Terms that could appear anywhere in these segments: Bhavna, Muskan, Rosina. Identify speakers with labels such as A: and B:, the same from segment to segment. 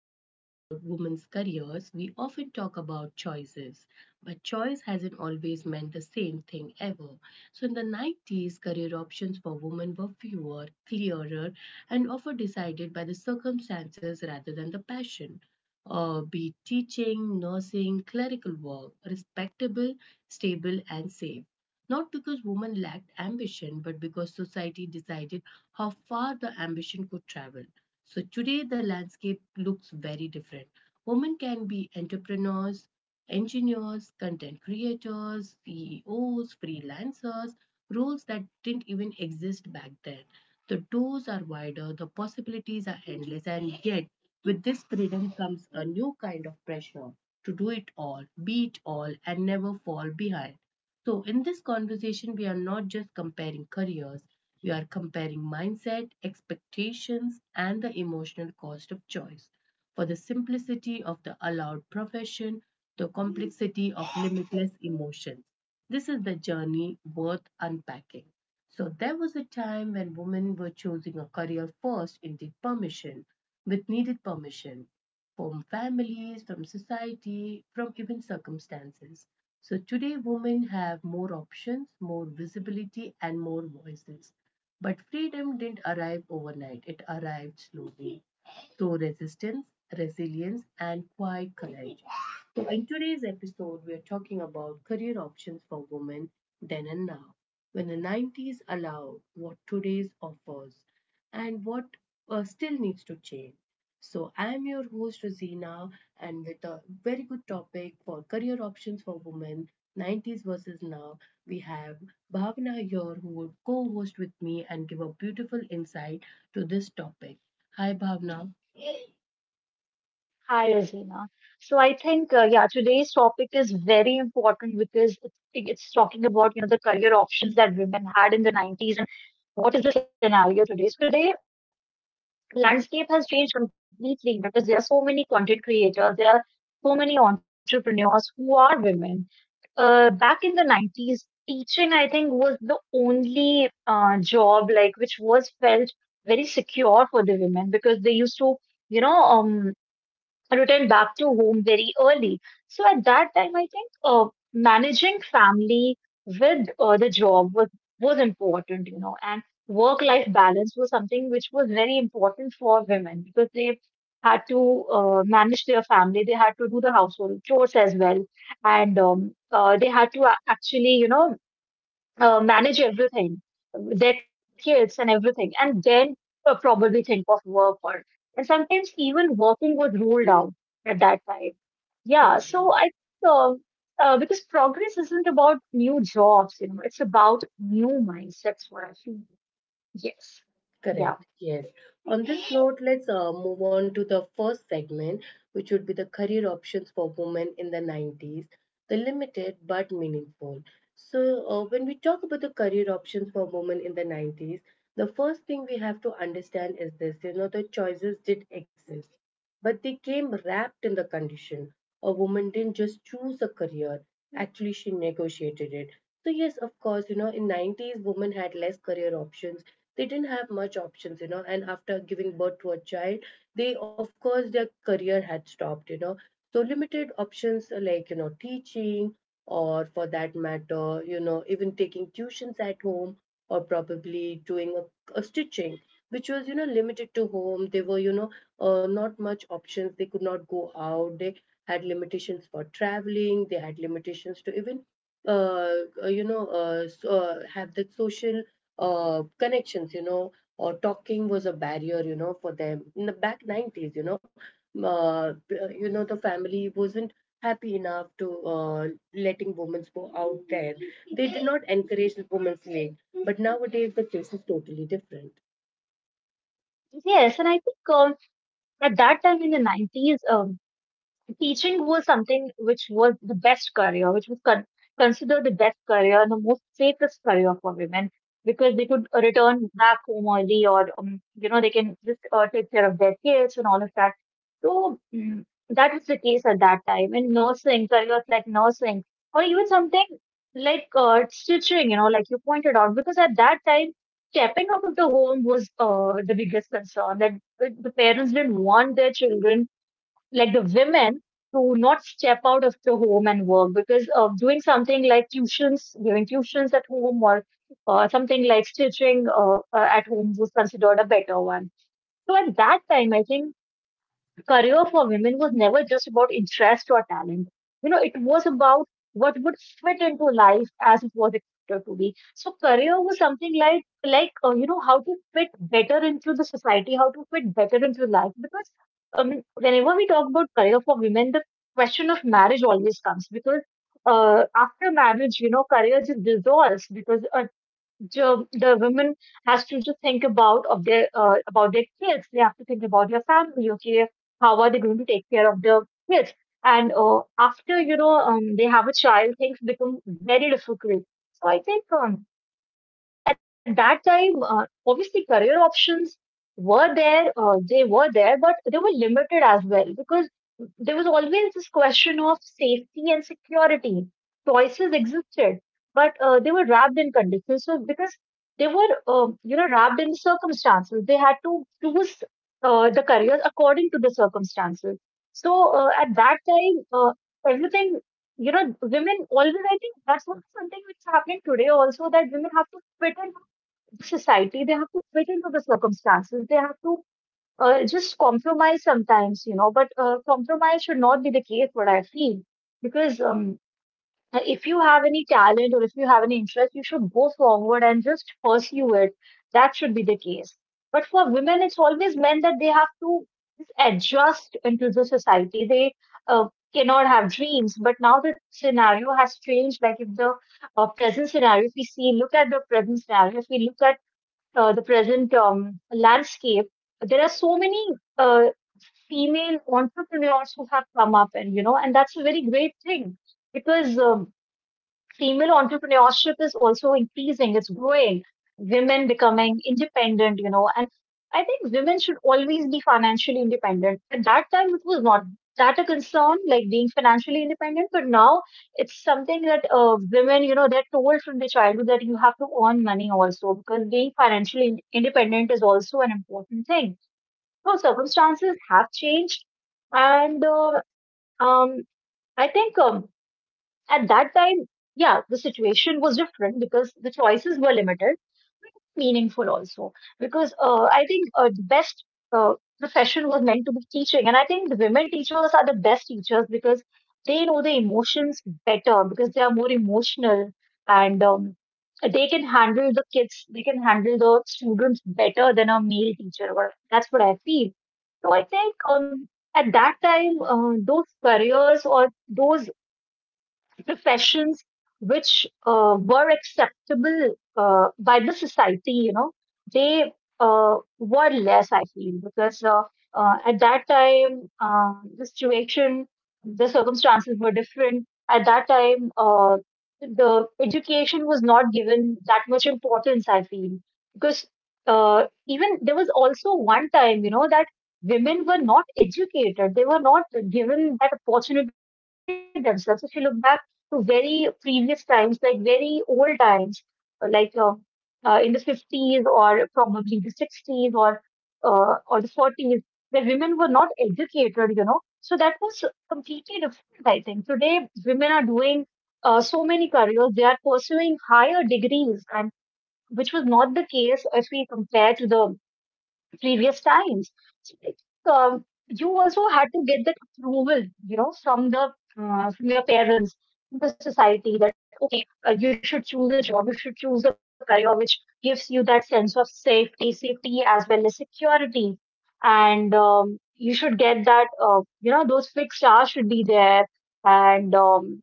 A: talk about women's careers, we often talk about choices, but choice hasn't always meant the same thing ever. So, in the 90s, career options for women were fewer, clearer, and often decided by the circumstances rather than the passion. Be it teaching, nursing, clerical work, respectable, stable, and safe. Not because women lacked ambition, but because society decided how far the ambition could travel. So today the landscape looks very different. Women can be entrepreneurs, engineers, content creators, CEOs, freelancers, roles that didn't even exist back then. The doors are wider, the possibilities are endless, and yet with this freedom comes a new kind of pressure to do it all, be it all, and never fall behind. So, in this conversation, we are not just comparing careers, we are comparing mindset, expectations, and the emotional cost of choice. For the simplicity of the allowed profession, the complexity of limitless emotions. This is the journey worth unpacking. So there was a time when women were choosing a career first indeed permission, with needed permission from families, from society, from even circumstances. So today women have more options, more visibility and more voices. But freedom didn't arrive overnight. It arrived slowly through resistance, resilience and quiet courage. So, in today's episode, we're talking about career options for women then and now. When the 90s allowed, what today's offers, and what still needs to change. So, I am your host, Rosina, and with a very good topic for career options for women 90s versus now, we have Bhavna here who will co host with me and give a beautiful insight to this topic. Hi, Bhavna.
B: Hi, Azina. So today's topic is very important because it's talking about, you know, the career options that women had in the 90s and what is the scenario today. So today, landscape has changed completely because there are so many content creators, there are so many entrepreneurs who are women. Back in the 90s, teaching, I think, was the only job like which was felt very secure for the women because they used to, you know, um, return back to home very early. So at that time, I think managing family with the job was important, you know, and work life balance was something which was very important for women because they had to manage their family, they had to do the household chores as well, and they had to actually, you know, manage everything, their kids and everything, and then probably think of work or and sometimes even working was ruled out at that time. Yeah, so I think because progress isn't about new jobs, you know, it's about new mindsets. What I feel. Yes, yeah,
A: Correct, yes. On this note, let's move on to the first segment, which would be the career options for women in the 90s, the limited but meaningful. So, when we talk about the career options for women in the 90s, the first thing we have to understand is this, you know, the choices did exist, but they came wrapped in the condition. A woman didn't just choose a career, actually, she negotiated it. So, yes, of course, you know, in 90s, women had less career options, they didn't have much options, you know, and after giving birth to a child, they, of course, their career had stopped, you know. So limited options are like, you know, teaching, or for that matter, you know, even taking tuitions at home, or probably doing a stitching, which was, you know, limited to home. They were, you know, not much options, they could not go out, they had limitations for traveling, they had limitations to even uh, you know, so, have the social connections, you know, or talking was a barrier, you know, for them in the back 90s, uh, you know, the family wasn't happy enough to, letting women go out there. They did not encourage the women's league. But nowadays the case is totally different.
B: yes, and I think at that time in the 90s, teaching was something which was the best career, which was considered the best career and the most safest career for women because they could return back home early or, you know, they can just take care of their kids and all of that. So that was the case at that time. And nursing, careers like nursing, or even something like stitching, you know, like you pointed out, because at that time, stepping out of the home was the biggest concern that the parents didn't want their children like the women to not step out of the home and work because of doing something like tuitions, giving tuitions at home or something like stitching at home was considered a better one. So at that time, I think career for women was never just about interest or talent. You know, it was about what would fit into life as it was expected to be. So career was something like you know how to fit better into the society, how to fit better into life. Because whenever we talk about career for women, the question of marriage always comes because after marriage, you know, career just dissolves because the women has to just think about their kids. They have to think about their family. Okay, how are they going to take care of the kids? And after they have a child, things become very difficult. So I think at that time, obviously, career options were there. They were there, but they were limited as well because there was always this question of safety and security. Choices existed, but they were wrapped in conditions. So because they were, you know, wrapped in circumstances, they had to choose the careers according to the circumstances. So at that time, everything, you know, women always, I think that's what something which is happening today also, that women have to fit into society, they have to fit into the circumstances, they have to just compromise sometimes, you know, but compromise should not be the case, what I feel, because if you have any talent or if you have any interest, you should go forward and just pursue it. That should be the case. But for women, it's always meant that they have to just adjust into the society. They uh, cannot have dreams. But now the scenario has changed. Like if the present scenario, if we see, look at the present scenario, if we look at the present landscape, there are so many uh, female entrepreneurs who have come up, and you know, and that's a very great thing because female entrepreneurship is also increasing, it's growing, women becoming independent, you know, and I think women should always be financially independent. At that time it was not that a concern like being financially independent, but now it's something that women, you know, they're told from their childhood that you have to earn money also, because being financially independent is also an important thing. So circumstances have changed, and um, I think at that time, yeah, the situation was different because the choices were limited, but meaningful also. Because I think the best uh, profession was meant to be teaching, and I think the women teachers are the best teachers because they know the emotions better because they are more emotional, and they can handle the kids, they can handle the students better than a male teacher. Well, that's what I feel. So I think um, at that time, those careers or those professions which were acceptable by the society, you know, they were less, I feel, because at that time, uh, the situation, the circumstances were different. At that time, uh, the education was not given that much importance, I feel, because even there was also one time, you know, that women were not educated. They were not given that opportunity to educate themselves. If you look back, to very previous times, like very old times, uh, like uh, in the 50s or probably the 60s or the 40s, where women were not educated, you know. So that was completely different, I think. Today, women are doing so many careers. They are pursuing higher degrees, and which was not the case if we compare to the previous times. So, you also had to get that approval, you know, from the from your parents, from the society that okay, you should choose the job, you should choose the career which gives you that sense of safety, safety as well as security, and you should get that you know those fixed hours should be there, and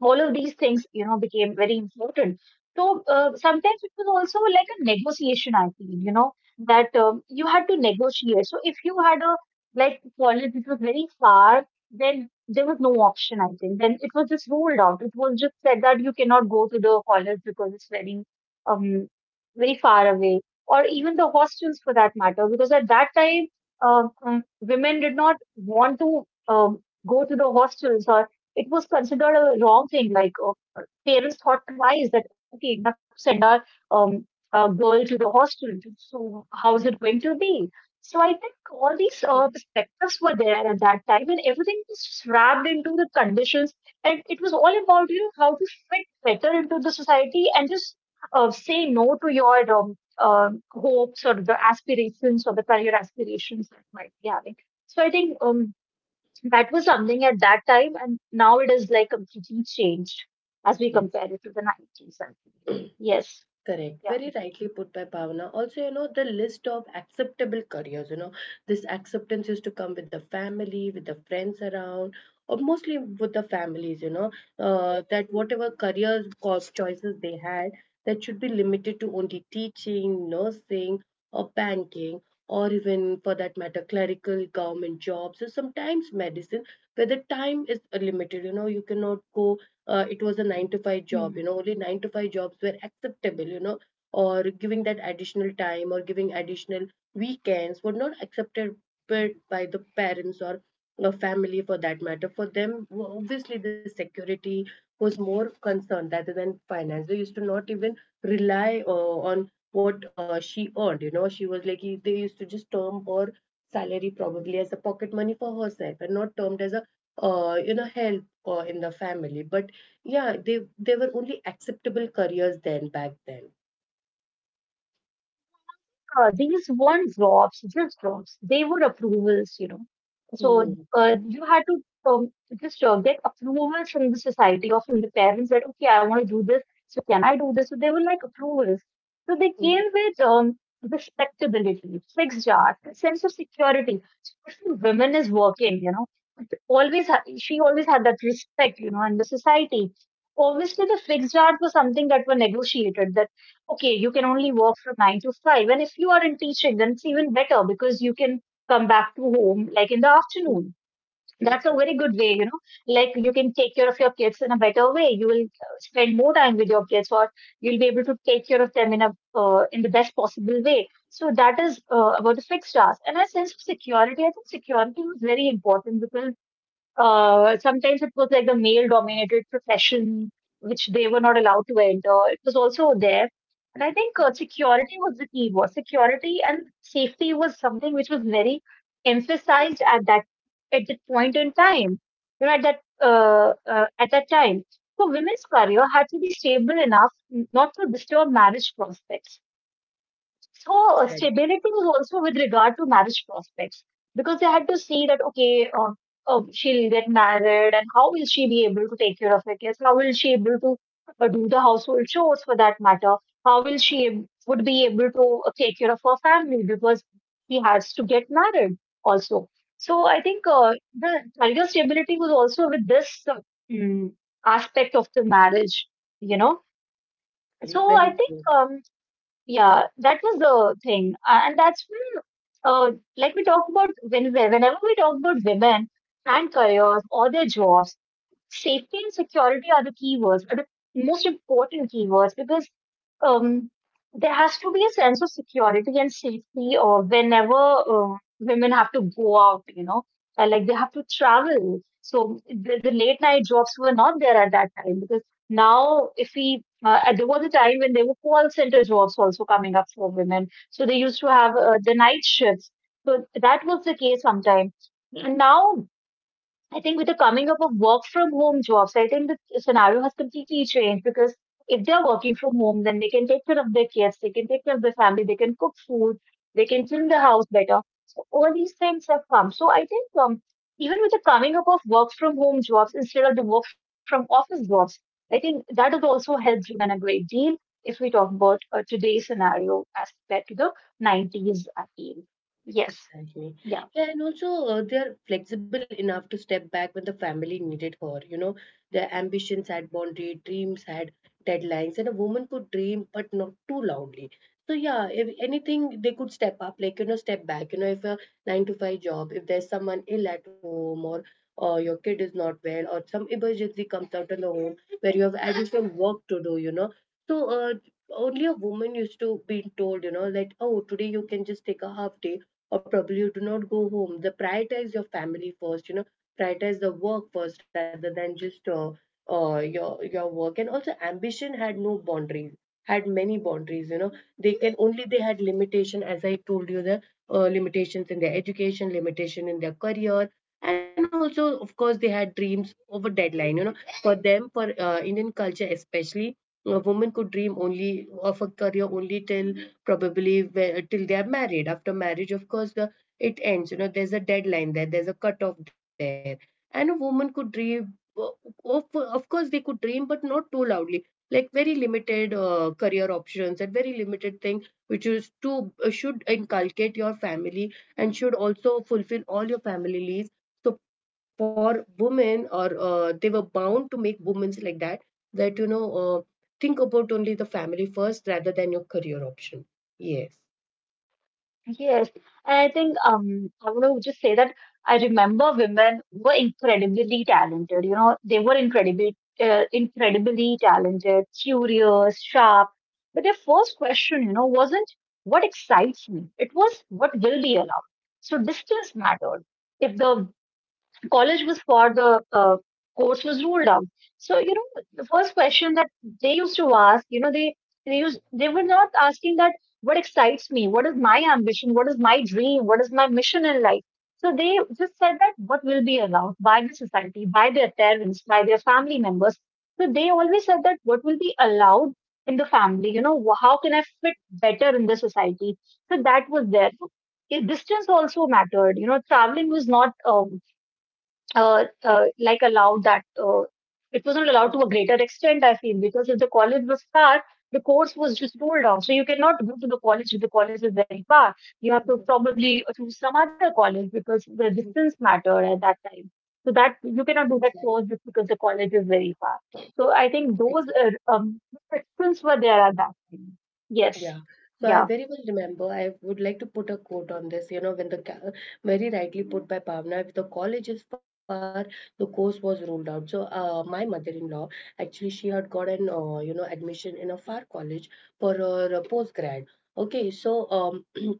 B: all of these things, you know, became very important. So sometimes it was also like a negotiation, I feel, you know, that you had to negotiate. So if you had a like college which was very far, then there was no option, I think, then it was just ruled out. It was just said that you cannot go to the college because it's um very far away, or even the hostels for that matter, because at that time uh, um, women did not want to go to the hostels, or it was considered a wrong thing. Like parents thought twice that okay, we have to send our um, girl to the hostel. So
A: Mm.
B: how is it going to be? So I think all these
A: Correct.
B: perspectives were there at that time, and everything was wrapped into the conditions, and it was all about, you know, how to fit better into the society and just say no to your hopes or the aspirations or the career aspirations that might be having. So I think that was something at that time, and now it is like completely changed as we
A: Yes.
B: compare it to the 90s, I think. Yes.
A: Correct.
B: Yeah.
A: Very rightly put by Bhavna. Also, you know, the list of acceptable careers, you know, this acceptance used to come with the family, with the friends around, or mostly with the families, you know, that whatever careers or choices they had, that should be limited to only teaching, nursing, or banking, or even for that matter, clerical, government jobs, or sometimes medicine, where the time is limited, you know, you cannot go. It was a nine to five job,
B: Hmm.
A: you know, only nine to five jobs were acceptable, you know, or giving that additional time or giving additional weekends were not accepted by the parents or a family for that matter for them. W- obviously the security was more concerned rather than finance. They used to not even rely on what she earned, you know. She was like, they used to just term her salary probably as a pocket money for herself and not termed as a, you know, help in the family. But yeah, they were only acceptable careers then back then.
B: These weren't jobs, just jobs. They were approvals, you know. So
A: Mhm.
B: you had to just get approvals from the society or from the parents that, okay, I want to do this. So can I do this? So they were like approvals. So they
A: Mhm.
B: came with respectability, fixed jobs, a sense of security. Especially women is working, you know. It always, she always had that respect, you know, in the society. Obviously, the fixed jobs were something that were negotiated, that okay, you can only work from 9 to 5. And if you are in teaching, then it's even better because you can come back to home like in the
A: Mhm.
B: afternoon. That's a
A: Mhm.
B: very good way, you know, like you can take care of your kids in a better way. You will spend more time with your kids or you'll be able to take care of them in a in the best possible way. So that is about the fixed hours. And a sense of security, I think security was very important because sometimes it was like the male dominated profession, which they were not allowed to enter. It was also there. And I think security was the key word. Security and safety was something which was very emphasized at that point in time. You know, at that time, so women's career had to be stable enough not to disturb marriage prospects. So
A: Exactly.
B: stability is also with regard to marriage prospects because they had to see that, okay, uh, she'll get married and how will she be able to take care of her kids? How will she able to do the household chores for that matter? How will she ab- Would be able to take care of her family because she has to get married also. So I think the career stability was also with this mm, aspect of the marriage, you know. So
A: Exactly.
B: I
A: Very
B: think
A: true.
B: yeah, that is the thing. And that's when, uh, like we talk about, whenever we talk about women and careers or their jobs, safety and security are the keywords, are the most important keywords because um, there has to be a sense of security and safety or whenever women have to go out, you know, like they have to travel. So the late night jobs were not there at that time because now, if we, there was a time when there were call center jobs also coming up for women. So they used to have the night shifts. So that was the case sometime. And now I think with the coming up of work from home jobs, I think the scenario has completely changed because if they're working from home, then they can take care of their kids, they can take care of their family, they can cook food, they can clean the house better. So all these things have come. So I think even with the coming up of work from home jobs instead of the work from office jobs, I think that has also helped women a great deal if we talk about today's scenario as compared to the 90s appeal. Yes.
A: Exactly.
B: Yeah.
A: Yeah, and also they are flexible enough to step back when the family needed her. You know, their ambitions had boundaries, dreams had deadlines, and a woman could dream but not too loudly. So yeah, if anything, they could step up, like, you know, step back. You know, if a nine to five job, if there's someone ill at home, or your kid is not well, or some emergency comes out in the home where you have additional work to do. You know, so only a woman used to be told, you know, that oh, today you can just take a half day or probably you do not go home. The prioritize your family first, you know, prioritize the work first rather than just your work. And also, ambition had no boundaries, had many boundaries. You know, they can only, they had limitation, as I told you, the limitations in their education, limitation in their career. And also, of course, they had dreams over deadline. You know, for them, for Indian culture especially, a woman could dream only of a career only till probably where, till they are married. After marriage, of course, the it ends. You know, there's a deadline there. There's a cutoff there, and a woman could dream. Of course, they could dream, but not too loudly. Like very limited career options and very limited thing, which is to should inculcate your family and should also fulfill all your family needs. So for women, or they were bound to make women like that, that, you know, think about only the family first rather than your career option. Yes.
B: Yes, and I think I want to just say that I remember women were incredibly talented. You know, they were incredibly talented, curious, sharp. But their first question, you know, wasn't what excites me. It was what will be allowed. So distance mattered. If the college was for the course was ruled out. So you know, the first question that they used to ask, you know, they used they were not asking that what excites me, what is my ambition, what is my dream, what is my mission in life. So they just said that what will be allowed by the society, by their parents, by their family members. So they always said that what will be allowed in the family, you know, how can I fit better in the society? So that was there. Distance also mattered. You know, traveling was not like allowed, that it wasn't
A: Mhm.
B: allowed to a greater extent I feel, because if the college was far the course was just rolled out. So you cannot go to the college if the college is very far, you
A: Mhm.
B: have to probably choose some other college because the
A: Mhm.
B: distance mattered at that time, so that you
A: Exactly.
B: cannot do that course just because the college is very far. So I think
A: Exactly.
B: those restrictions were there at that time,
A: Yeah.
B: yes,
A: So I
B: yeah.
A: very well remember. I would like to put a quote on this. You know, when the ca- very rightly put by Pavna, if the college is far, the course was ruled out. So my mother-in-law, actually she had got an you know admission in a far college for her postgrad. Okay, so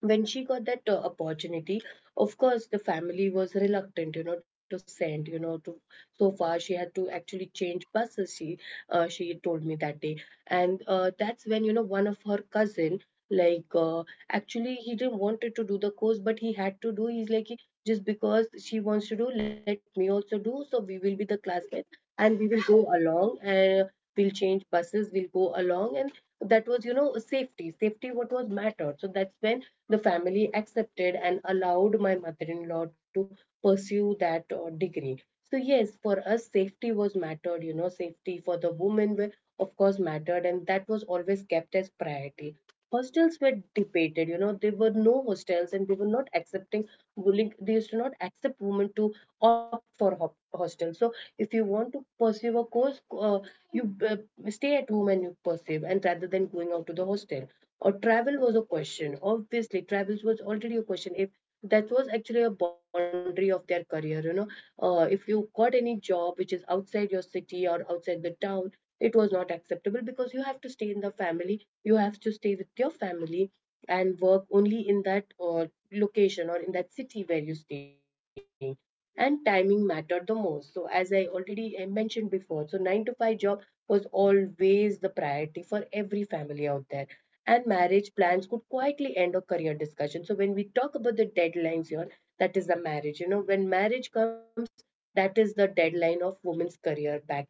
A: when she got that opportunity, of course the family was reluctant, you know, to send, you know, to so far. She had to actually change buses. She she told me that day, and that's when, you know, one of her cousin, like actually he didn't wanted to do the course, but he had to do. He's like, just because she wants to do, let me also do, so we will be the classmates, and we will go along, and we'll change buses, we'll go along. And that was, you know, safety what was mattered. So that's when the family accepted and allowed my mother-in-law to pursue that degree. So yes, for us safety was mattered, you know. Safety for the women were, of course, mattered, and that was always kept as priority. Hostels were debated, you know, there were no hostels, and they were not accepting willing. They used to not accept women to opt for hop- hostel. So if you want to pursue a course, you uh, stay at home and you pursue, and rather than going out to the hostel. Or travel was a question, obviously travels was already a question. If that was actually a boundary of their career, you know, if you got any job which is outside your city or outside the town, it was not acceptable because you have to stay in the family, you have to stay with your family and work only in that location, or in that city where you're staying. And timing mattered the most. So as I already mentioned before, so 9 to 5 job was always the priority for every family out there. And marriage plans could quietly end a career discussion. So when we talk about the deadlines here, that is the marriage. You know, when marriage comes, that is the deadline of women's career back then.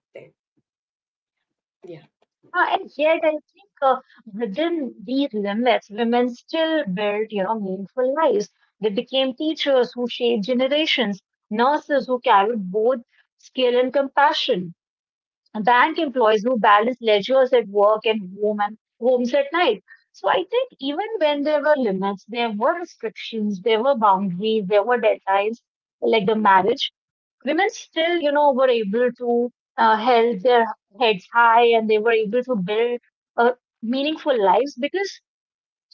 A: Yeah.
B: And yet, I think within these limits, women still built, you know, meaningful lives. They became teachers who shaped generations, nurses who carried both skill and compassion, and bank employees who balanced leisures at work and home and homes at night. So I think even when there were limits, there were restrictions, there were boundaries, there were deadlines, like the marriage, women still, you know, were able to held their heads high and they were able to build uh, meaningful lives. Because,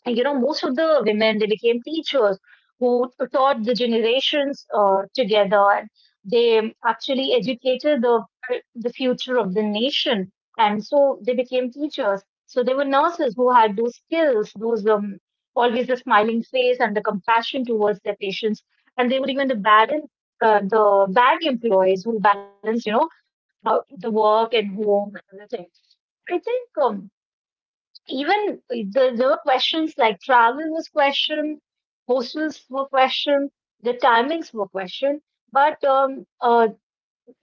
B: and, you know, most of the women, they became teachers who taught the generations together. And they actually educated the future of the nation. And so they became teachers. So they were nurses who had those skills, those always the smiling face and the compassion towards their patients. And they were even the the bad employees who balance, you know, how the work and home and everything. I think even there, there were questions like travel was questioned, hostels were questioned, the timings were questioned. But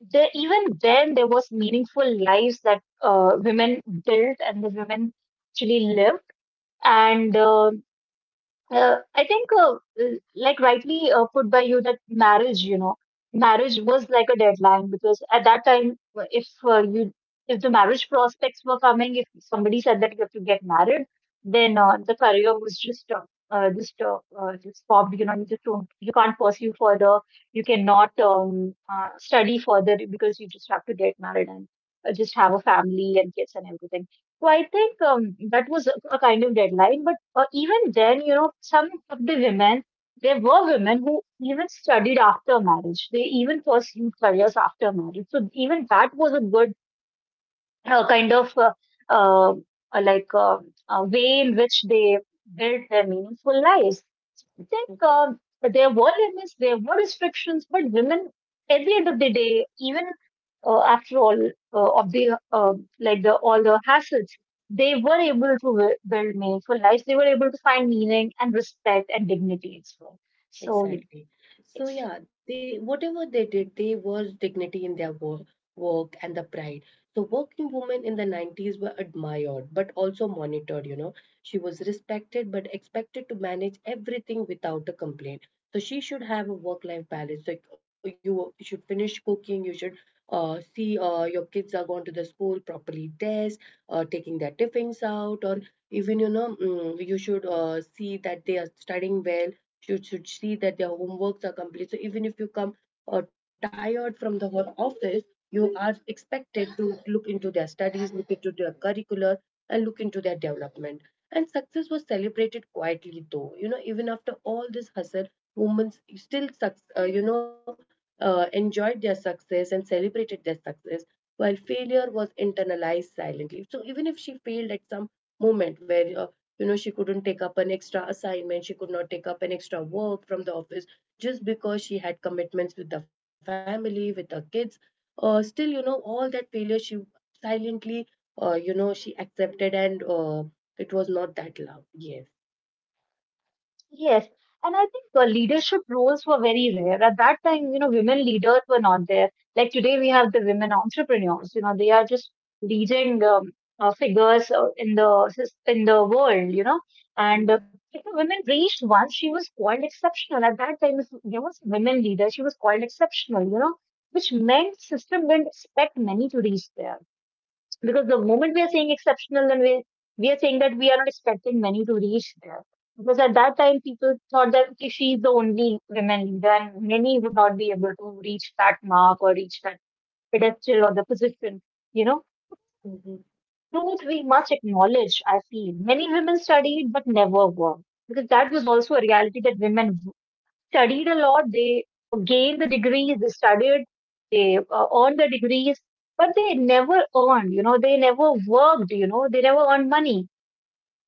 B: there, even then, there was meaningful lives that women built and the women actually lived. And I think, like rightly put by you, that marriage, you know, marriage was like a deadline because at that time, if the marriage prospects were coming, if somebody said that you have to get married, then the career was just stopped, just stopped. You know, you just don't, you can't pursue further. You cannot study further because you just have to get married and just have a family and kids and everything. So I think that was a kind of deadline. But even then, you know, some of the women, there were women who even studied after marriage. They even pursued careers after marriage. So even that was a good kind of uh, like way in which they built their meaningful lives. I think there were limits, there were restrictions, but women, at the end of the day, even after all of the like the all the hassles, they were able to build meaningful lives. They were able to find meaning and respect and dignity as well. So yeah,
A: Exactly. So
B: yes.
A: yeah, they whatever they did, they was dignity in their work, work and the pride. So working women in the 90s were admired but also monitored, you know. She was respected but expected to manage everything without a complaint. So she should have a work-life balance. Like you should finish cooking, you should see your kids are going to the school properly dressed, taking their tiffins out, or even, you know, mm, you should see that they are studying well, should see that their homeworks are complete. So even if you come tired from the whole office, you are expected to look into their studies, look into their curricular, and look into their development. And success was celebrated quietly, though. You know, even after all this hustle, women still, enjoyed their success and celebrated their success, while failure was internalized silently. So even if she failed at some moment where she couldn't take up an extra assignment, she could not take up an extra work from the office just because she had commitments with the family, with the kids. Still, all that failure she silently, she accepted and it was not that loud. Yes.
B: Yes, and I think leadership roles were very rare. At that time, you know, women leaders were not there. Like today, we have the women entrepreneurs. You know, they are just leading figures in the in the world. You know, and if a woman reached once, she was called exceptional. At that time, if there was a women leader, she was called exceptional. You know, which meant system didn't expect many to reach there. Because the moment we are saying exceptional, then we are saying that we are not expecting many to reach there. Because at that time, people thought that okay, she is the only women leader, and many would not be able to reach that mark or reach that pedestal or the position. You know,
A: Mm-hmm.
B: truth we must acknowledge. I feel many women studied but never worked because that was also a reality that women studied a lot, they gained the degrees, they studied, they earned the degrees, but they never earned, you know, they never worked, you know, they never earned money,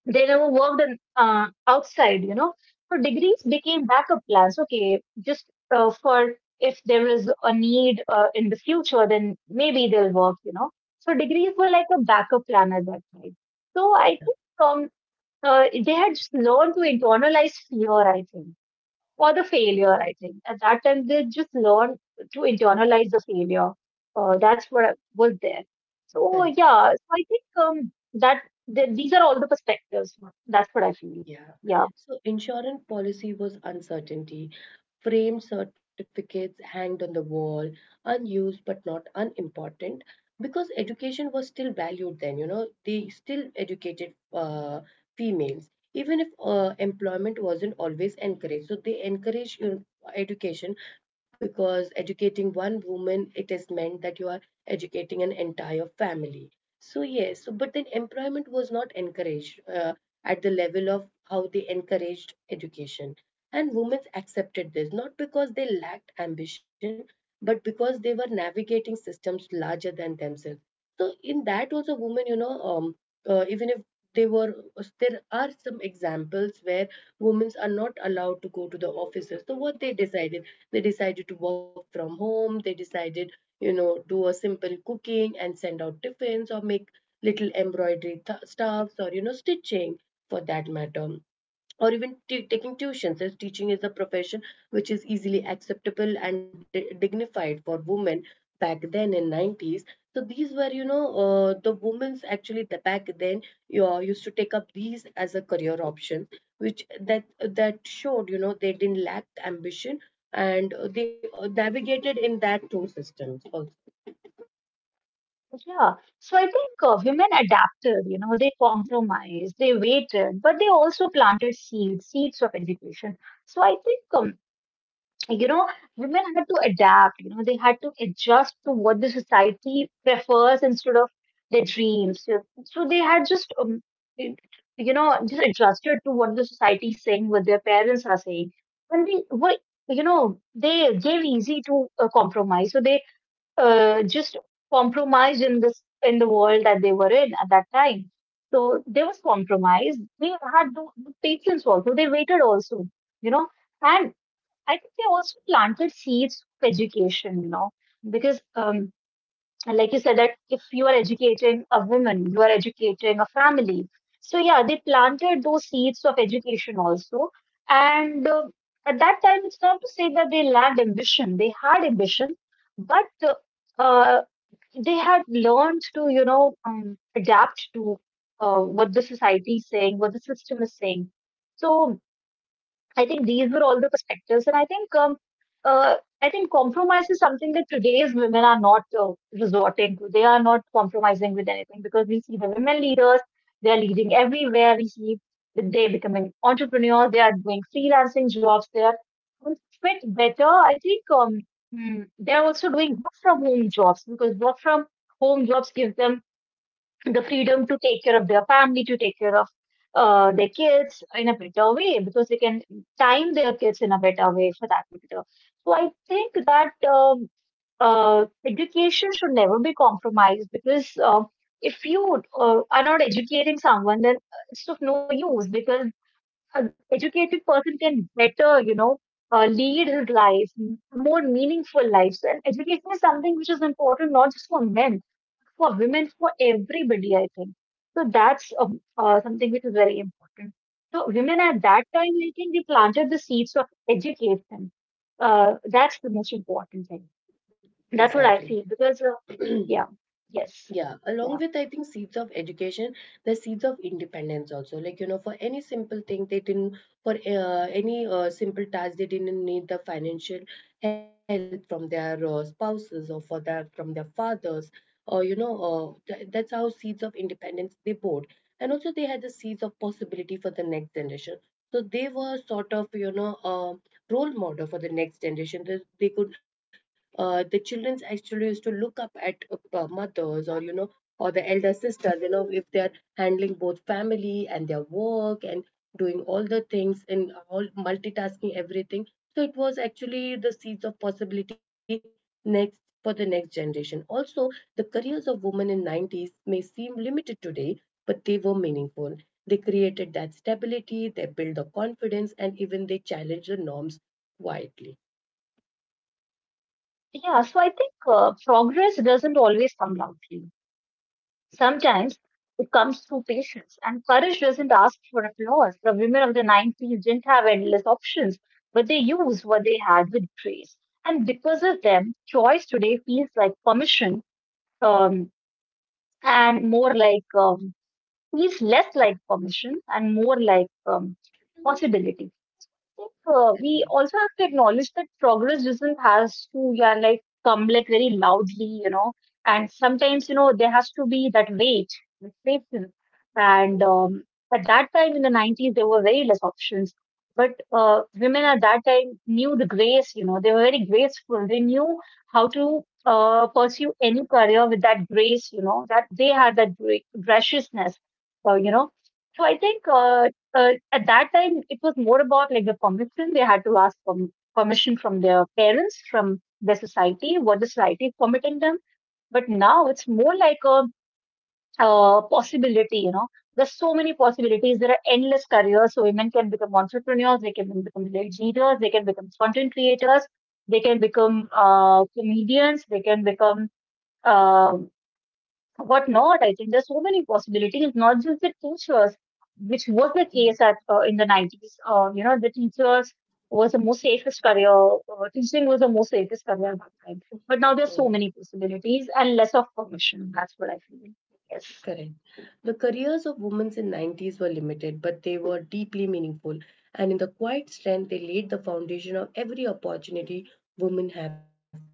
B: they never worked in, outside, you know. So degrees became backup plans, okay, just for if there is a need in the future, then maybe they'll work, you know. So degrees were like a backup plan at that time. So I
A: Yeah,
B: think they had just learned to internalize fear, I think, or the failure, I think. At that time, they just learn to internalize the failure. That's what was there. So,
A: correct.
B: yeah, so I think these are all the perspectives. That's what I feel.
A: Yeah.
B: Yeah.
A: So insurance policy was uncertainty. Frame certificates hanged on the wall, unused but not unimportant, because education was still valued then, they still educated females, even if employment wasn't always encouraged. So they encourage education, because educating one woman, it is meant that you are educating an entire family. So yes, so, but then employment was not encouraged at the level of how they encouraged education. And women accepted this not because they lacked ambition, but because they were navigating systems larger than themselves. So in that also, women, you know, even if they were, there are some examples where women are not allowed to go to the offices. So what they decided to work from home. They decided, do a simple cooking and send out tiffins or make little embroidery stuffs, or, stitching for that matter. Or even taking tuitions, as teaching is a profession which is easily acceptable and dignified for women back then in 90's. So these were, the women's actually the back then you used to take up these as a career option, which that showed, they didn't lack ambition and they navigated in that two systems also.
B: Yeah. So I think women adapted, you know, they compromised, they waited, but they also planted seeds, seeds of education. So I think you know, women had to adapt, you know, they had to adjust to what the society prefers instead of their dreams. So they had just, it- you know, just adjusted to what the society is saying, what their parents are saying. And they were, you know, they gave easy to compromise. So they just compromised in this, in the world that they were in at that time. So there was compromise. They had the patience also. They waited also, you know. And I think they also planted seeds of education, you know, because like you said, that if you are educating a woman, you are educating a family. So yeah, they planted those seeds of education also. And at that time, it's not to say that they lacked ambition. They had ambition, but uh, they had learned to, you know, adapt to what the society is saying, what the system is saying. So I think these were all the perspectives, and uh, I think compromise is something that today's women are not resorting to. They are not compromising with anything because we see the women leaders; they are leading everywhere. We see that they becoming entrepreneurs. They are doing freelancing jobs. They are doing fit better. I think they are also doing work from home jobs because work from home jobs give them the freedom to take care of their family, to take care of their kids in a better way because they can time their kids in a better way for that matter. So I think that education should never be compromised because if you are not educating someone, then it's of no use because an educated person can better, you know, lead his life, more meaningful lives. And education is something which is important not just for men, for women, for everybody, I think. So that's something which is very important. So women at that time, I think they planted the seeds of education. That's the most important thing. That's what I
A: Exactly.
B: feel because, yeah, yes,
A: Yeah, along with
B: yeah,
A: I think seeds of education, the seeds of independence also. Like, you know, for any simple thing they didn't, for any simple task they didn't need the financial help from their spouses or for their from their fathers, or you know, that's how seeds of independence they bore. And also they had the seeds of possibility for the next generation, so they were sort of, role model for the next generation. They could, the children actually used to look up at mothers, or you know, or the elder sisters, you know, if they are handling both family and their work and doing all the things in all, multitasking everything. So it was actually the seeds of possibility next for the next generation also. The careers of women in 90's may seem limited today, but they were meaningful. They created that stability, they built the confidence, and even they challenged the norms quietly.
B: yeah. So I think progress doesn't always come loudly. Sometimes it comes through patience, and courage doesn't ask for applause. The women of the 90s didn't have endless options, but they used what they had with grace. And because of them, choice today feels like permission um, and more like, feels less like permission and more like possibility. Think we
A: Correct.
B: also have to acknowledge that progress doesn't has to, yeah, like come like very loudly, you know, and sometimes you know there has to be that wait, that patience. And at that time in the 90s, there were very less options. But women at that time knew the grace, you know, they were very graceful. They knew how to pursue any career with that grace, you know, that they had that graciousness, you know. So I think at that time it was more about like the permission they had to ask for, permission from their parents, from their society, what the society is permitting them. But now it's more like a possibility, you know, there's so many possibilities, there are endless careers, so women can become entrepreneurs, they can become leaders, they can become content creators, they can become comedians, they can become uh, what not. I think there's so many possibilities, not just the teachers, which was the case
A: Correct.
B: at in the 90s. You know, the teachers was the most safest career, teaching was the most safest career at that time. But now there's
A: Mm.
B: so many possibilities and less of permission. That's what I feel. Yes.
A: Correct. The careers of women in 90's were limited, but they were deeply meaningful. And in the quiet strength, they laid the foundation of every opportunity women have today.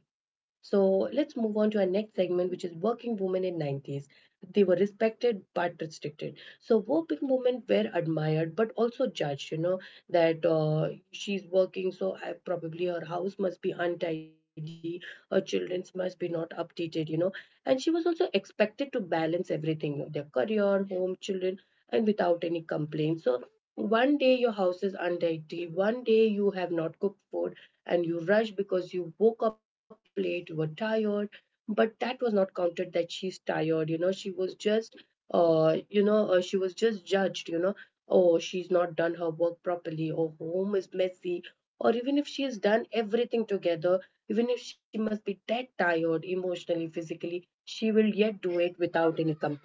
A: So let's move on to our next segment, which is working women in 90's. They were respected but restricted. So working women were admired but also judged. You know, that she's working, so I, probably her house must be untidy, her children's must be not updated. You know, and she was also expected to balance everything: their career, home, children, and without any complaints. So one day your house is untidy, one day you have not cooked food and you rushed because you woke up late, you were tired. But that was not counted that she's tired, you know, she was just, she was just judged, you know, oh, she's not done her work properly, or home is messy, or even if she has done everything together, even if she must be dead tired emotionally, physically, she will yet do it without any complaint.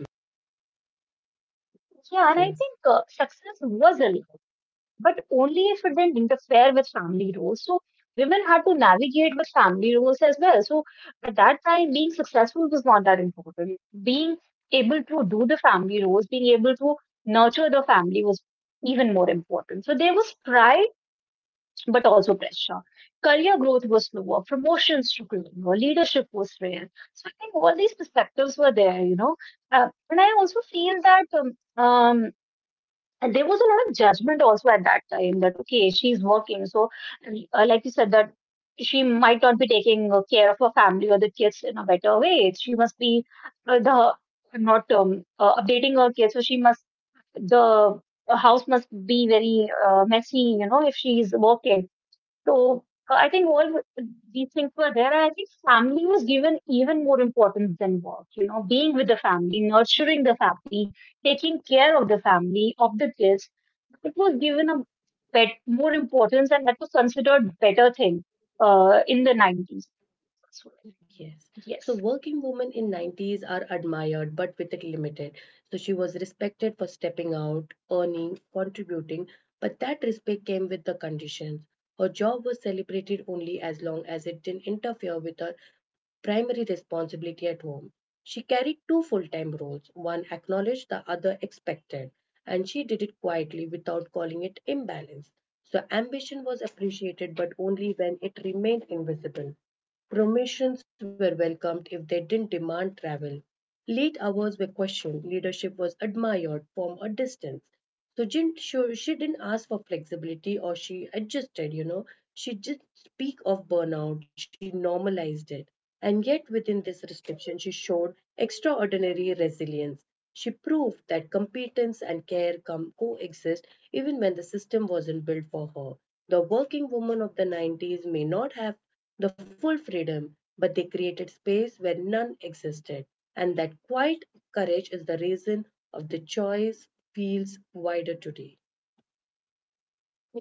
B: Yeah, and I
A: Yes.
B: think success was allowed, but only if it didn't interfere with family roles. So women had to navigate with family roles as well. So at that time, being successful was not that important. Being able to do the family roles, being able to nurture the family was even more important. So there was pride, but also pressure. Career growth was slower, promotions were lower, leadership was rare. So I think all these perspectives were there, you know. And I also feel that um, and there was a lot of judgment also at that time that, okay, she's working. So, like you said, that she might not be taking care of her family or the kids in a better way. She must be the not updating her kids. So, she must, the house must be very messy, you know, if she's working. So I think all these things were there. And I think family was given even more importance than work, you know, being with the family, nurturing the family, taking care of the family, of the kids. It was given a bit more importance and that was considered better thing in the 90s as well.
A: Yes.
B: Yes.
A: So working women in 90's are admired but with it limited. So she was respected for stepping out, earning, contributing, but that respect came with the conditions. Her job was celebrated only as long as it didn't interfere with her primary responsibility at home. She carried two full time roles, one acknowledged, the other expected, and she did it quietly without calling it imbalance. So ambition was appreciated, but only when it remained invisible. Promotions were welcomed if they didn't demand travel. Late hours were questioned, leadership was admired from a distance. So she didn't ask for flexibility, or she adjusted, you know. She didn't speak of burnout, she normalized it. And yet, within this restriction, she showed extraordinary resilience. She proved that competence and care come coexist even when the system wasn't built for her. The working women of the 90's may not have the full freedom, but they created space where none existed. And that quiet courage is the reason of the choice feels wider today.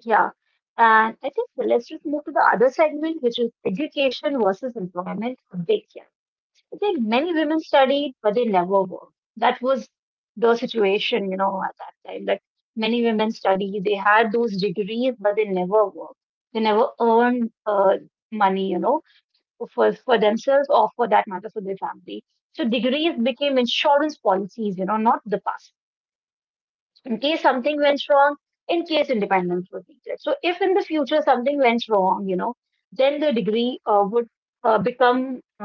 B: Yeah. And I think let's just move to the other segment, which is education versus employment. A big yeah. I think many women studied, but they never worked. That was the situation, you know, at that time. That many women studied, they had those degrees, but they never worked. They never earned money, you know, for themselves or for that matter for their family. So degrees became insurance policies, you know, not the past. In case something went wrong, in case independence was needed. So if in the future something went wrong, you know, then the degree would become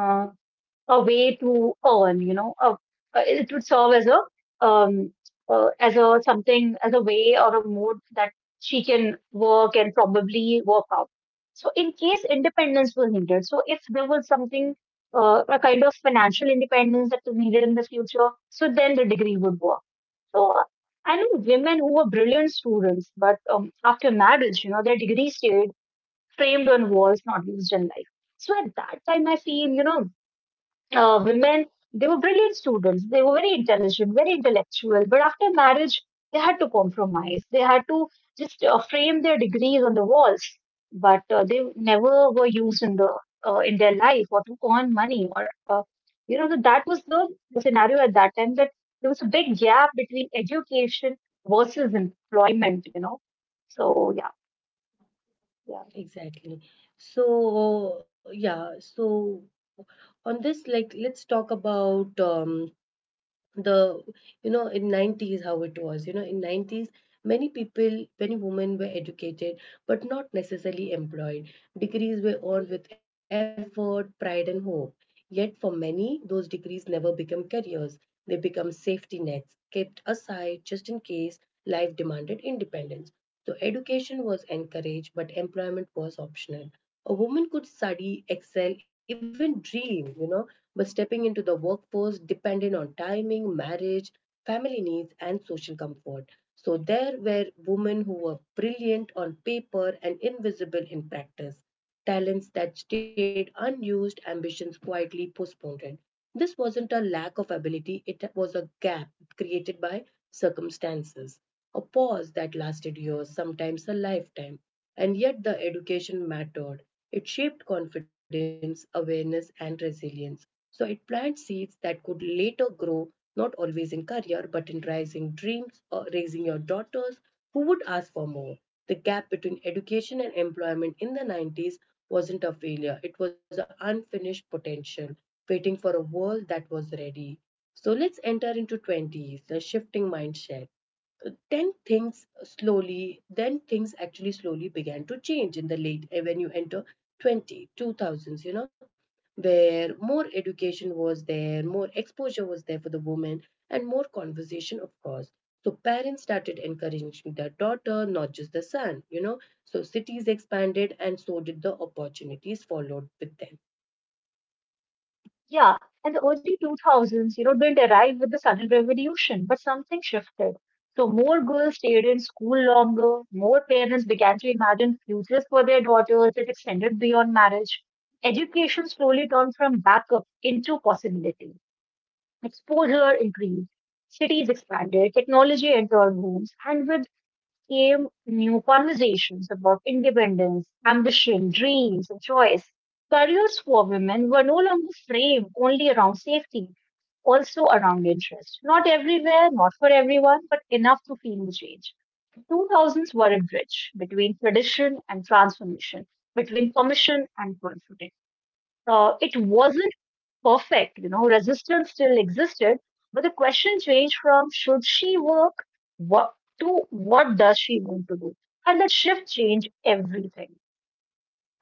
B: uh, a way to earn, you know, it would serve um as a something, as a way or a mode that she can work and probably work out. So in case independence was needed, so if there was something a kind of financial independence that was needed in the future, so then the degree would work. So I know women who were brilliant students, but after marriage, you know, their degree stayed framed on walls, not used in life. So at that time, I feel, you know, women, they were brilliant students. They were very intelligent, very intellectual. But after marriage, they had to compromise. They had to just frame their degrees on the walls, but they never were used in the in their life or to earn money or you know, so that was the scenario at that time, that there was a big gap between education versus employment. You know,
A: Mhm.
B: so yeah, yeah.
A: Exactly. So, yeah, so on this, like, let's talk about the you know in 90's how it was, you know, in 90's many people, many women, were educated but not necessarily employed. Degrees were earned with effort, pride and hope, yet for many those degrees never become careers. They become safety nets kept aside, just in case life demanded independence. So education was encouraged but employment was optional. A woman could study, excel, even dream, you know, but stepping into the workforce depended on timing, marriage, family needs, and social comfort. So there were women who were brilliant on paper and invisible in practice, talents that stayed unused, ambitions quietly postponed. This wasn't a lack of ability, it was a gap created by circumstances, a pause that lasted years, sometimes a lifetime. And yet, the education mattered. It shaped confidence, awareness, and resilience. So, it planted seeds that could later grow, not always in career, but in rising dreams or raising your daughters who would ask for more. The gap between education and employment in the 90's wasn't a failure, it was an unfinished potential waiting for a world that was ready. So let's enter into 20's, the shifting mindset. Then things actually slowly began to change in the late eh, when you enter 20, 2000's, you know, where more education was there, more exposure was there for the women, and more conversation, of course. So parents started encouraging their daughter, not just the son, you know. So cities expanded, and so did the opportunities followed with them.
B: Yeah, and the early 2000s, you know, didn't arrive with a sudden revolution, but something shifted. So more girls stayed in school longer, more parents began to imagine futures for their daughters that extended beyond marriage. Education slowly turned from backup into possibility. Exposure increased, cities expanded, technology entered homes, and with came new conversations about independence, ambition, dreams, and choice. Careers for women were no longer framed only around safety, also around interest. Not everywhere, not for everyone, but enough to feel the change. The 2000s were a bridge between tradition and transformation, between permission and confidence. It wasn't perfect, you know, resistance still existed, but the question changed from should she work, what, to what does she want to do, and that shift changed everything.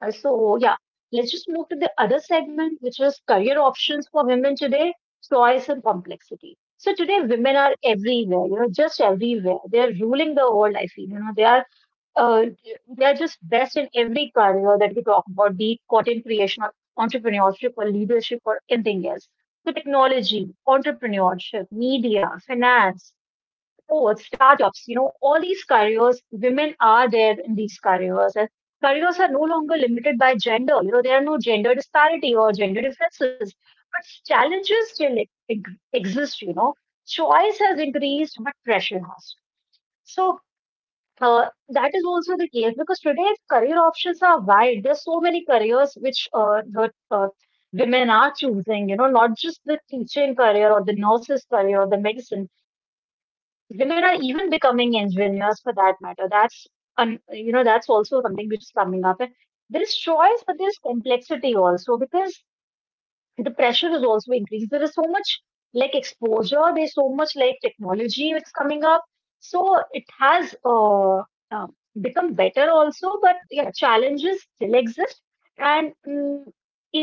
B: So yeah, let's just move to the other segment, which is career options for women today, choice and complexity. So today women are everywhere, you know, just everywhere, they're ruling the world, I feel, you know, uh, they are just best in every career that we talk about, be it content creation or entrepreneurship or leadership or anything else. So technology, entrepreneurship, media, finance, sports, startups, you know, all these careers, women are there in these careers. And careers are no longer limited by gender. You know, there are no gender disparity or gender differences. But challenges still exist, you know. Choice has increased, but pressure has. So that is also the case because today career options are wide. There's so many careers which the uh, women are choosing, you know, not just the teaching career or the nurse's career or the medicine. Women are even becoming engineers for that matter. That's you know, that's also something which is coming up. And there is choice, but there's complexity also because the pressure is also increased. There is so much like exposure. There's so much like technology which is coming up. So it has uh, uh, become better also, but yeah, challenges still exist. And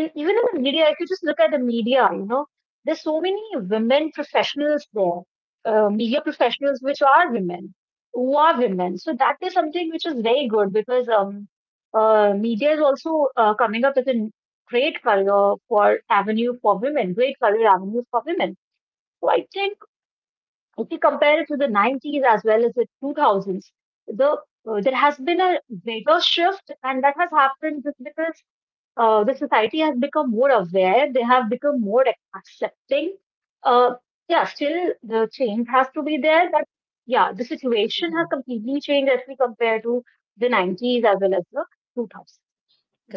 B: in, even in the media, if you just look at the media, you know, there's so many women professionals there, media professionals which are women, who are women. So that is something which is very good because media is also coming up as a great career for avenue for women, great career avenues for women. So I think if you compare it to the 90s as well as the 2000s, the there has been a greater shift, and that has happened just because the society has become more aware, they have become more accepting. Uh, yeah, still the change has to be there, but yeah, the situation has completely changed as we compare to the 90s as well as the 2000s.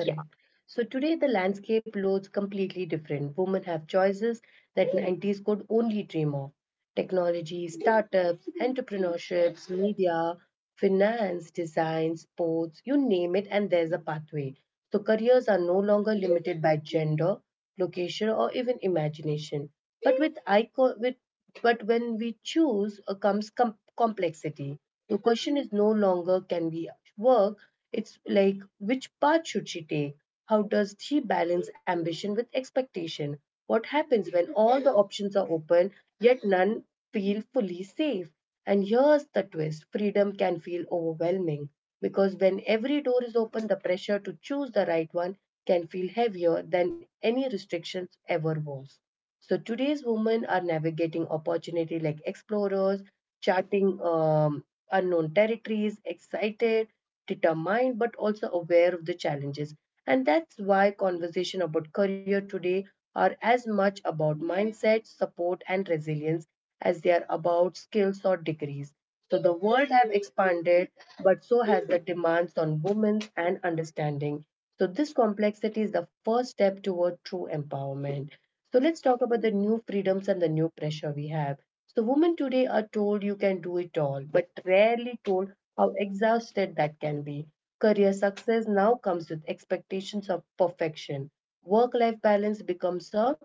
B: Yeah,
A: So today the landscape looks completely different. Women have choices that 90's could only dream of. Technology, startups, entrepreneurships, media, finance, design, sports, you name it, and there's a pathway. So careers are no longer limited by gender, location, or even imagination. But with icon, with but when we choose comes complexity. The question is no longer can we work. It's like which path should she take? How does she balance ambition with expectation? What happens when all the options are open yet none feel fully safe? And here's the twist: freedom can feel overwhelming, because when every door is open, the pressure to choose the right one can feel heavier than any restrictions ever was. So today's women are navigating opportunity like explorers, charting unknown territories, excited, determined, but also aware of the challenges. And that's why conversation about career today are as much about mindset, support, and resilience as they are about skills or degrees. So the world have expanded, but so has the demands on women and understanding. So this complexity is the first step toward true empowerment. So let's talk about the new freedoms and the new pressure we have. So, women today are told you can do it all, but rarely told how exhausted that can be. Career success now comes with expectations of perfection. Work life balance becomes a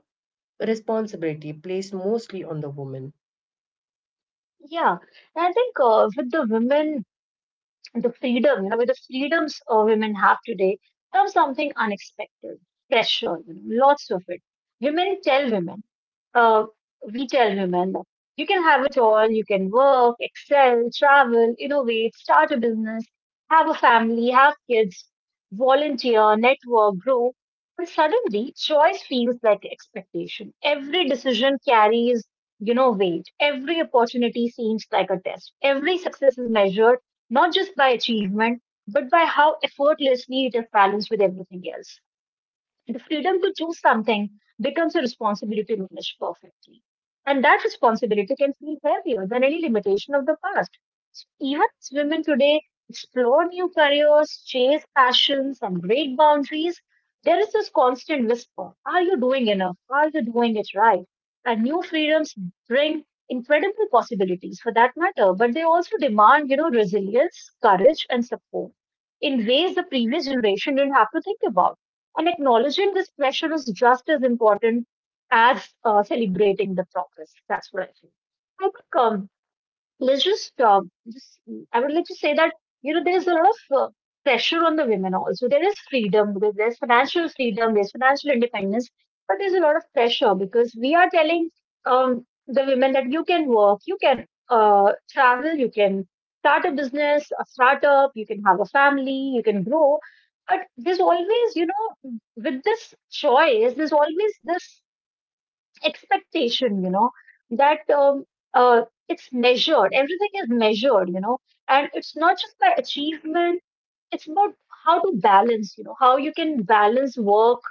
A: responsibility placed mostly on the woman.
B: yeah. And I think with the women, the freedom, you know, with the freedoms women have today, comes something unexpected, pressure, you know, lots of it. Women tell women uh, we tell women that you can have it all, you can work, excel, travel, innovate, start a business, have a family, have kids, volunteer, network, grow. But suddenly, choice feels like expectation. Every decision carries, you know, weight. Every opportunity seems like a test. Every success is measured not just by achievement, but by how effortlessly it is balanced with everything else. The freedom to choose something becomes a responsibility to manage perfectly. And that responsibility can feel heavier than any limitation of the past. Even as women today explore new careers, chase passions, and break boundaries, there is this constant whisper. Are you doing enough? Are you doing it right? And new freedoms bring incredible possibilities for that matter, but they also demand, you know, resilience, courage, and support in ways the previous generation didn't have to think about. And acknowledging this pressure is just as important as celebrating the progress. That's what I think. I think let's just I would like to say that you know there is a lot of pressure on the women also. There is freedom because there's financial freedom, there's financial independence, but there's a lot of pressure because we are telling the women that you can work, you can travel, you can start a business, a startup, you can have a family, you can grow. But there's always, you know, with this choice, there's always this expectation, you know, that uh, it's measured, everything is measured, you know, and it's not just by achievement, it's about how to balance, you know, how you can balance work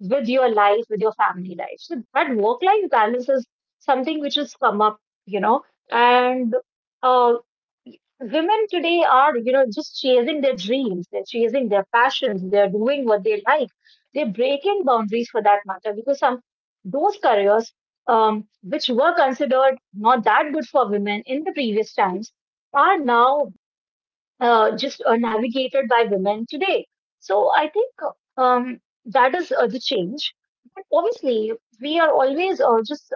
B: with your life, with your family life, so that work life balance is something which has come up, you know. And uh, women today are, you know, just chasing their dreams, they're chasing their passions, they're doing what they like, they're breaking boundaries for that matter, because some those careers, which were considered not that good for women in the previous times, are now just navigated by women today. So I think uh, um, that is the change. But obviously, we are always just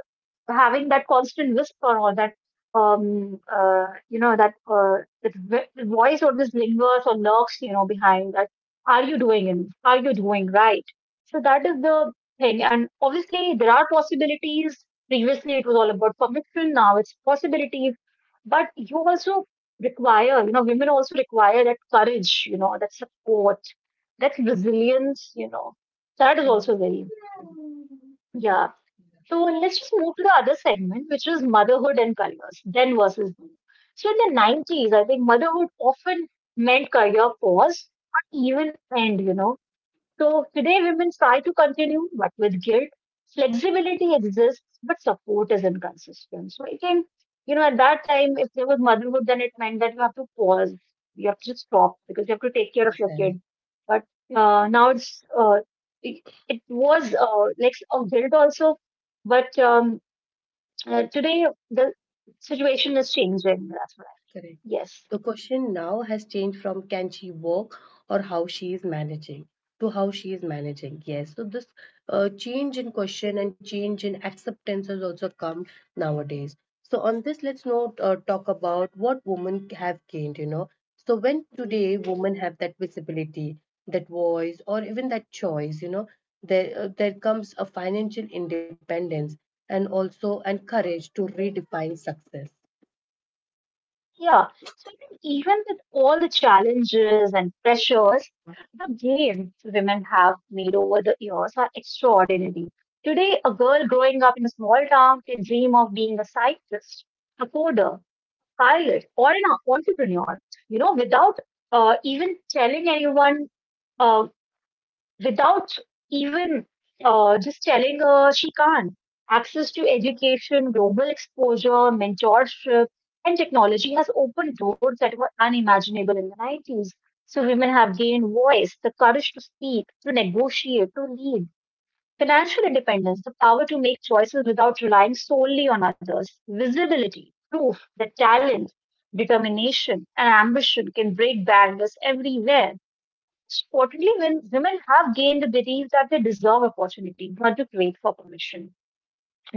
B: having that constant whisper, or that you know, that voice always lingers or lurks, you know, behind that. Are you doing it? Are you doing right? So that is the thing. And obviously, there are possibilities. Previously, it was all about permission. Now it's possibilities. But you also require, you know, women also require that courage, you know, that support, that resilience, you know, that is also
A: Mhm.
B: very important. Yeah.
A: Correct. Yeah,
B: So let's just move to the other segment, which is motherhood and careers, then versus now. So in the 90s, I think motherhood often meant career pause, or even end, you know. So today women try to continue, but with guilt, flexibility exists, but support is inconsistent. So I think, you know, at that time, if there was motherhood, then it meant that you have to pause, you have to stop because you have to take care of
A: makes
B: your kid.
A: sense.
B: But now it, it was like a guilt also, but today the situation is changing. That's right.
A: Correct.
B: Yes.
A: The question now has changed from can she work or how she is managing to how she is managing. Yes. So this change in question and change in acceptance has also come nowadays. So on this, let's not talk about what women have gained. You know. So when today women have that visibility, that voice, or even that choice, you know, there comes a financial independence and also and courage to redefine success.
B: Yeah. So, even, even with all the challenges and pressures, the gains women have made over the years are extraordinary. Today, a girl growing up in a small town can dream of being a scientist, a coder, pilot, or an entrepreneur, you know, without even telling anyone. Uh, Without even just telling her she can't. Access to education, global exposure, mentorship, and technology has opened doors that were unimaginable in the 90s. So women have gained voice, the courage to speak, to negotiate, to lead, financial independence, the power to make choices without relying solely on others, visibility, proof that talent, determination, and ambition can break barriers everywhere. Importantly, when women have gained the belief that they deserve opportunity, not to wait for permission.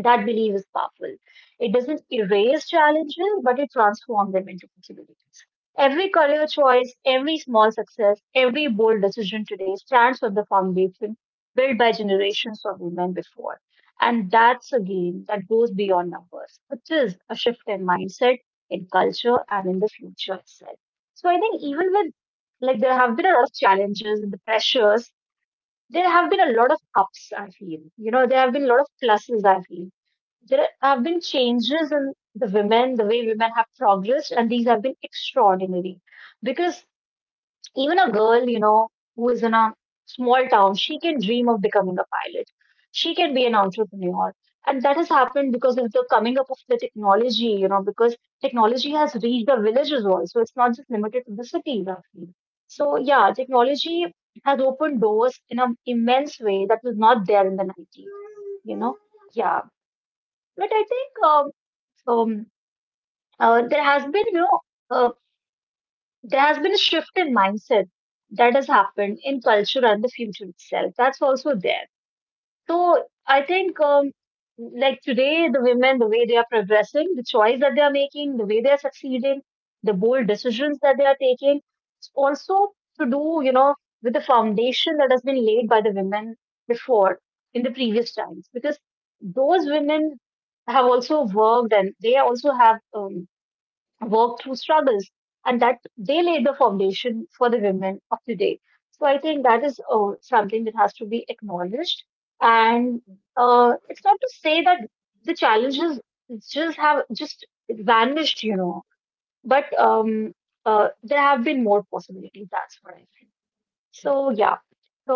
B: That belief is powerful. It doesn't erase challenges, but it transforms them into possibilities. Every career choice, every small success, every bold decision today stands on the foundation built by generations of women before. And that's a game that goes beyond numbers, which is a shift in mindset, in culture, and in the future itself. So I think, even with, like, there have been a lot of challenges and the pressures, there have been a lot of ups, I feel. You know, there have been a lot of pluses, I feel. There have been changes in the women, the way women have progressed, and these have been extraordinary, because even a girl, you know, who is in a small town, she can dream of becoming a pilot. She can be an entrepreneur. And that has happened because of the coming up of the technology, you know, because technology has reached the villages also. It's not just limited to the cities, actually. So, yeah, technology has opened doors in an immense way that was not there in the 90s, you know. Yeah. But I think um, there has been, you know, uh, there has been a shift in mindset that has happened in culture and the future itself. That's also there. So I think, like today, the women, the way they are progressing, the choice that they are making, the way they are succeeding, the bold decisions that they are taking, it's also to do, you know, with the foundation that has been laid by the women before in the previous times, because those women have also worked and they also have, work through struggles, and that they lay the foundation for the women of today. So I think that is something that has to be acknowledged. And it's not to say that the challenges just have just vanished, you know, but there have been more possibilities. That's what I think. So yeah.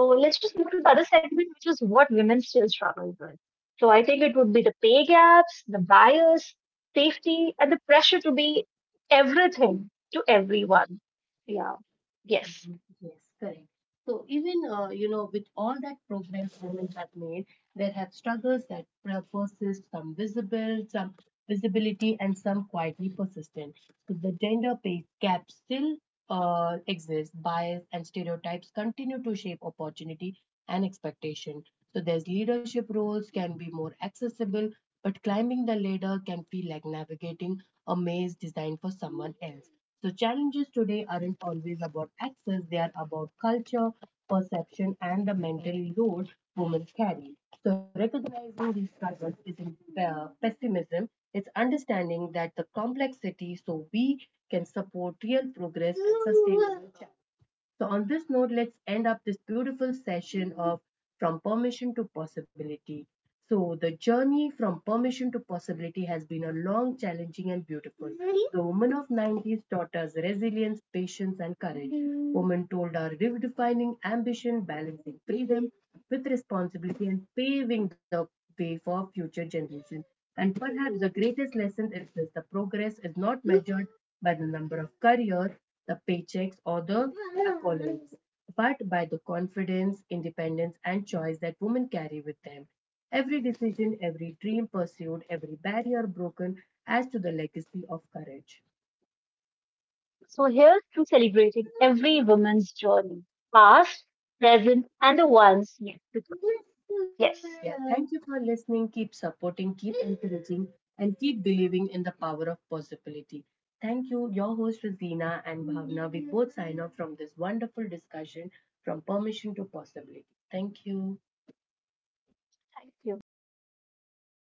B: So let's just move to the other segment, which is what women still struggle with. So I think it would be the pay gaps, the bias, safety, and the pressure to be everything to everyone. Yeah. Yes.
A: Yes, correct. So even, with all that progress governments have made, there have struggles that persist, some visible, some visibility, and some quietly persistent. So the gender pay gap still exists. Bias and stereotypes continue to shape opportunity and expectation. So there's leadership roles can be more accessible, but climbing the ladder can feel like navigating a maze designed for someone else. So, challenges today aren't always about access, they are about culture, perception, and the mental load women carry. So, recognizing these struggles isn't pessimism, it's understanding that the complexity so we can support real progress and sustainable. So, on this note, let's end up this beautiful session of From Permission to Possibility. So, the journey from permission to possibility has been a long, challenging, and beautiful. Mhm. The woman of 90's taught us resilience, patience, and courage. Mhm. Woman told our redefining ambition, balancing freedom with responsibility, and paving the way for future generations. And perhaps the greatest lesson is this: the progress is not measured by the number of careers, the paychecks, or the accolades, but by the confidence, independence, and choice that women carry with them. Every decision, every dream pursued, every barrier broken adds to the legacy of courage.
B: So here's to celebrating every woman's journey, past, present, and the ones yet to come.
A: Yeah,
B: Yes.
A: thank you for listening. Keep supporting, keep encouraging, and keep believing in the power of possibility. Thank you. Your host, Rosina and Bhavna, we both sign off from this wonderful discussion from permission to possibility. Thank you.
B: Thank you.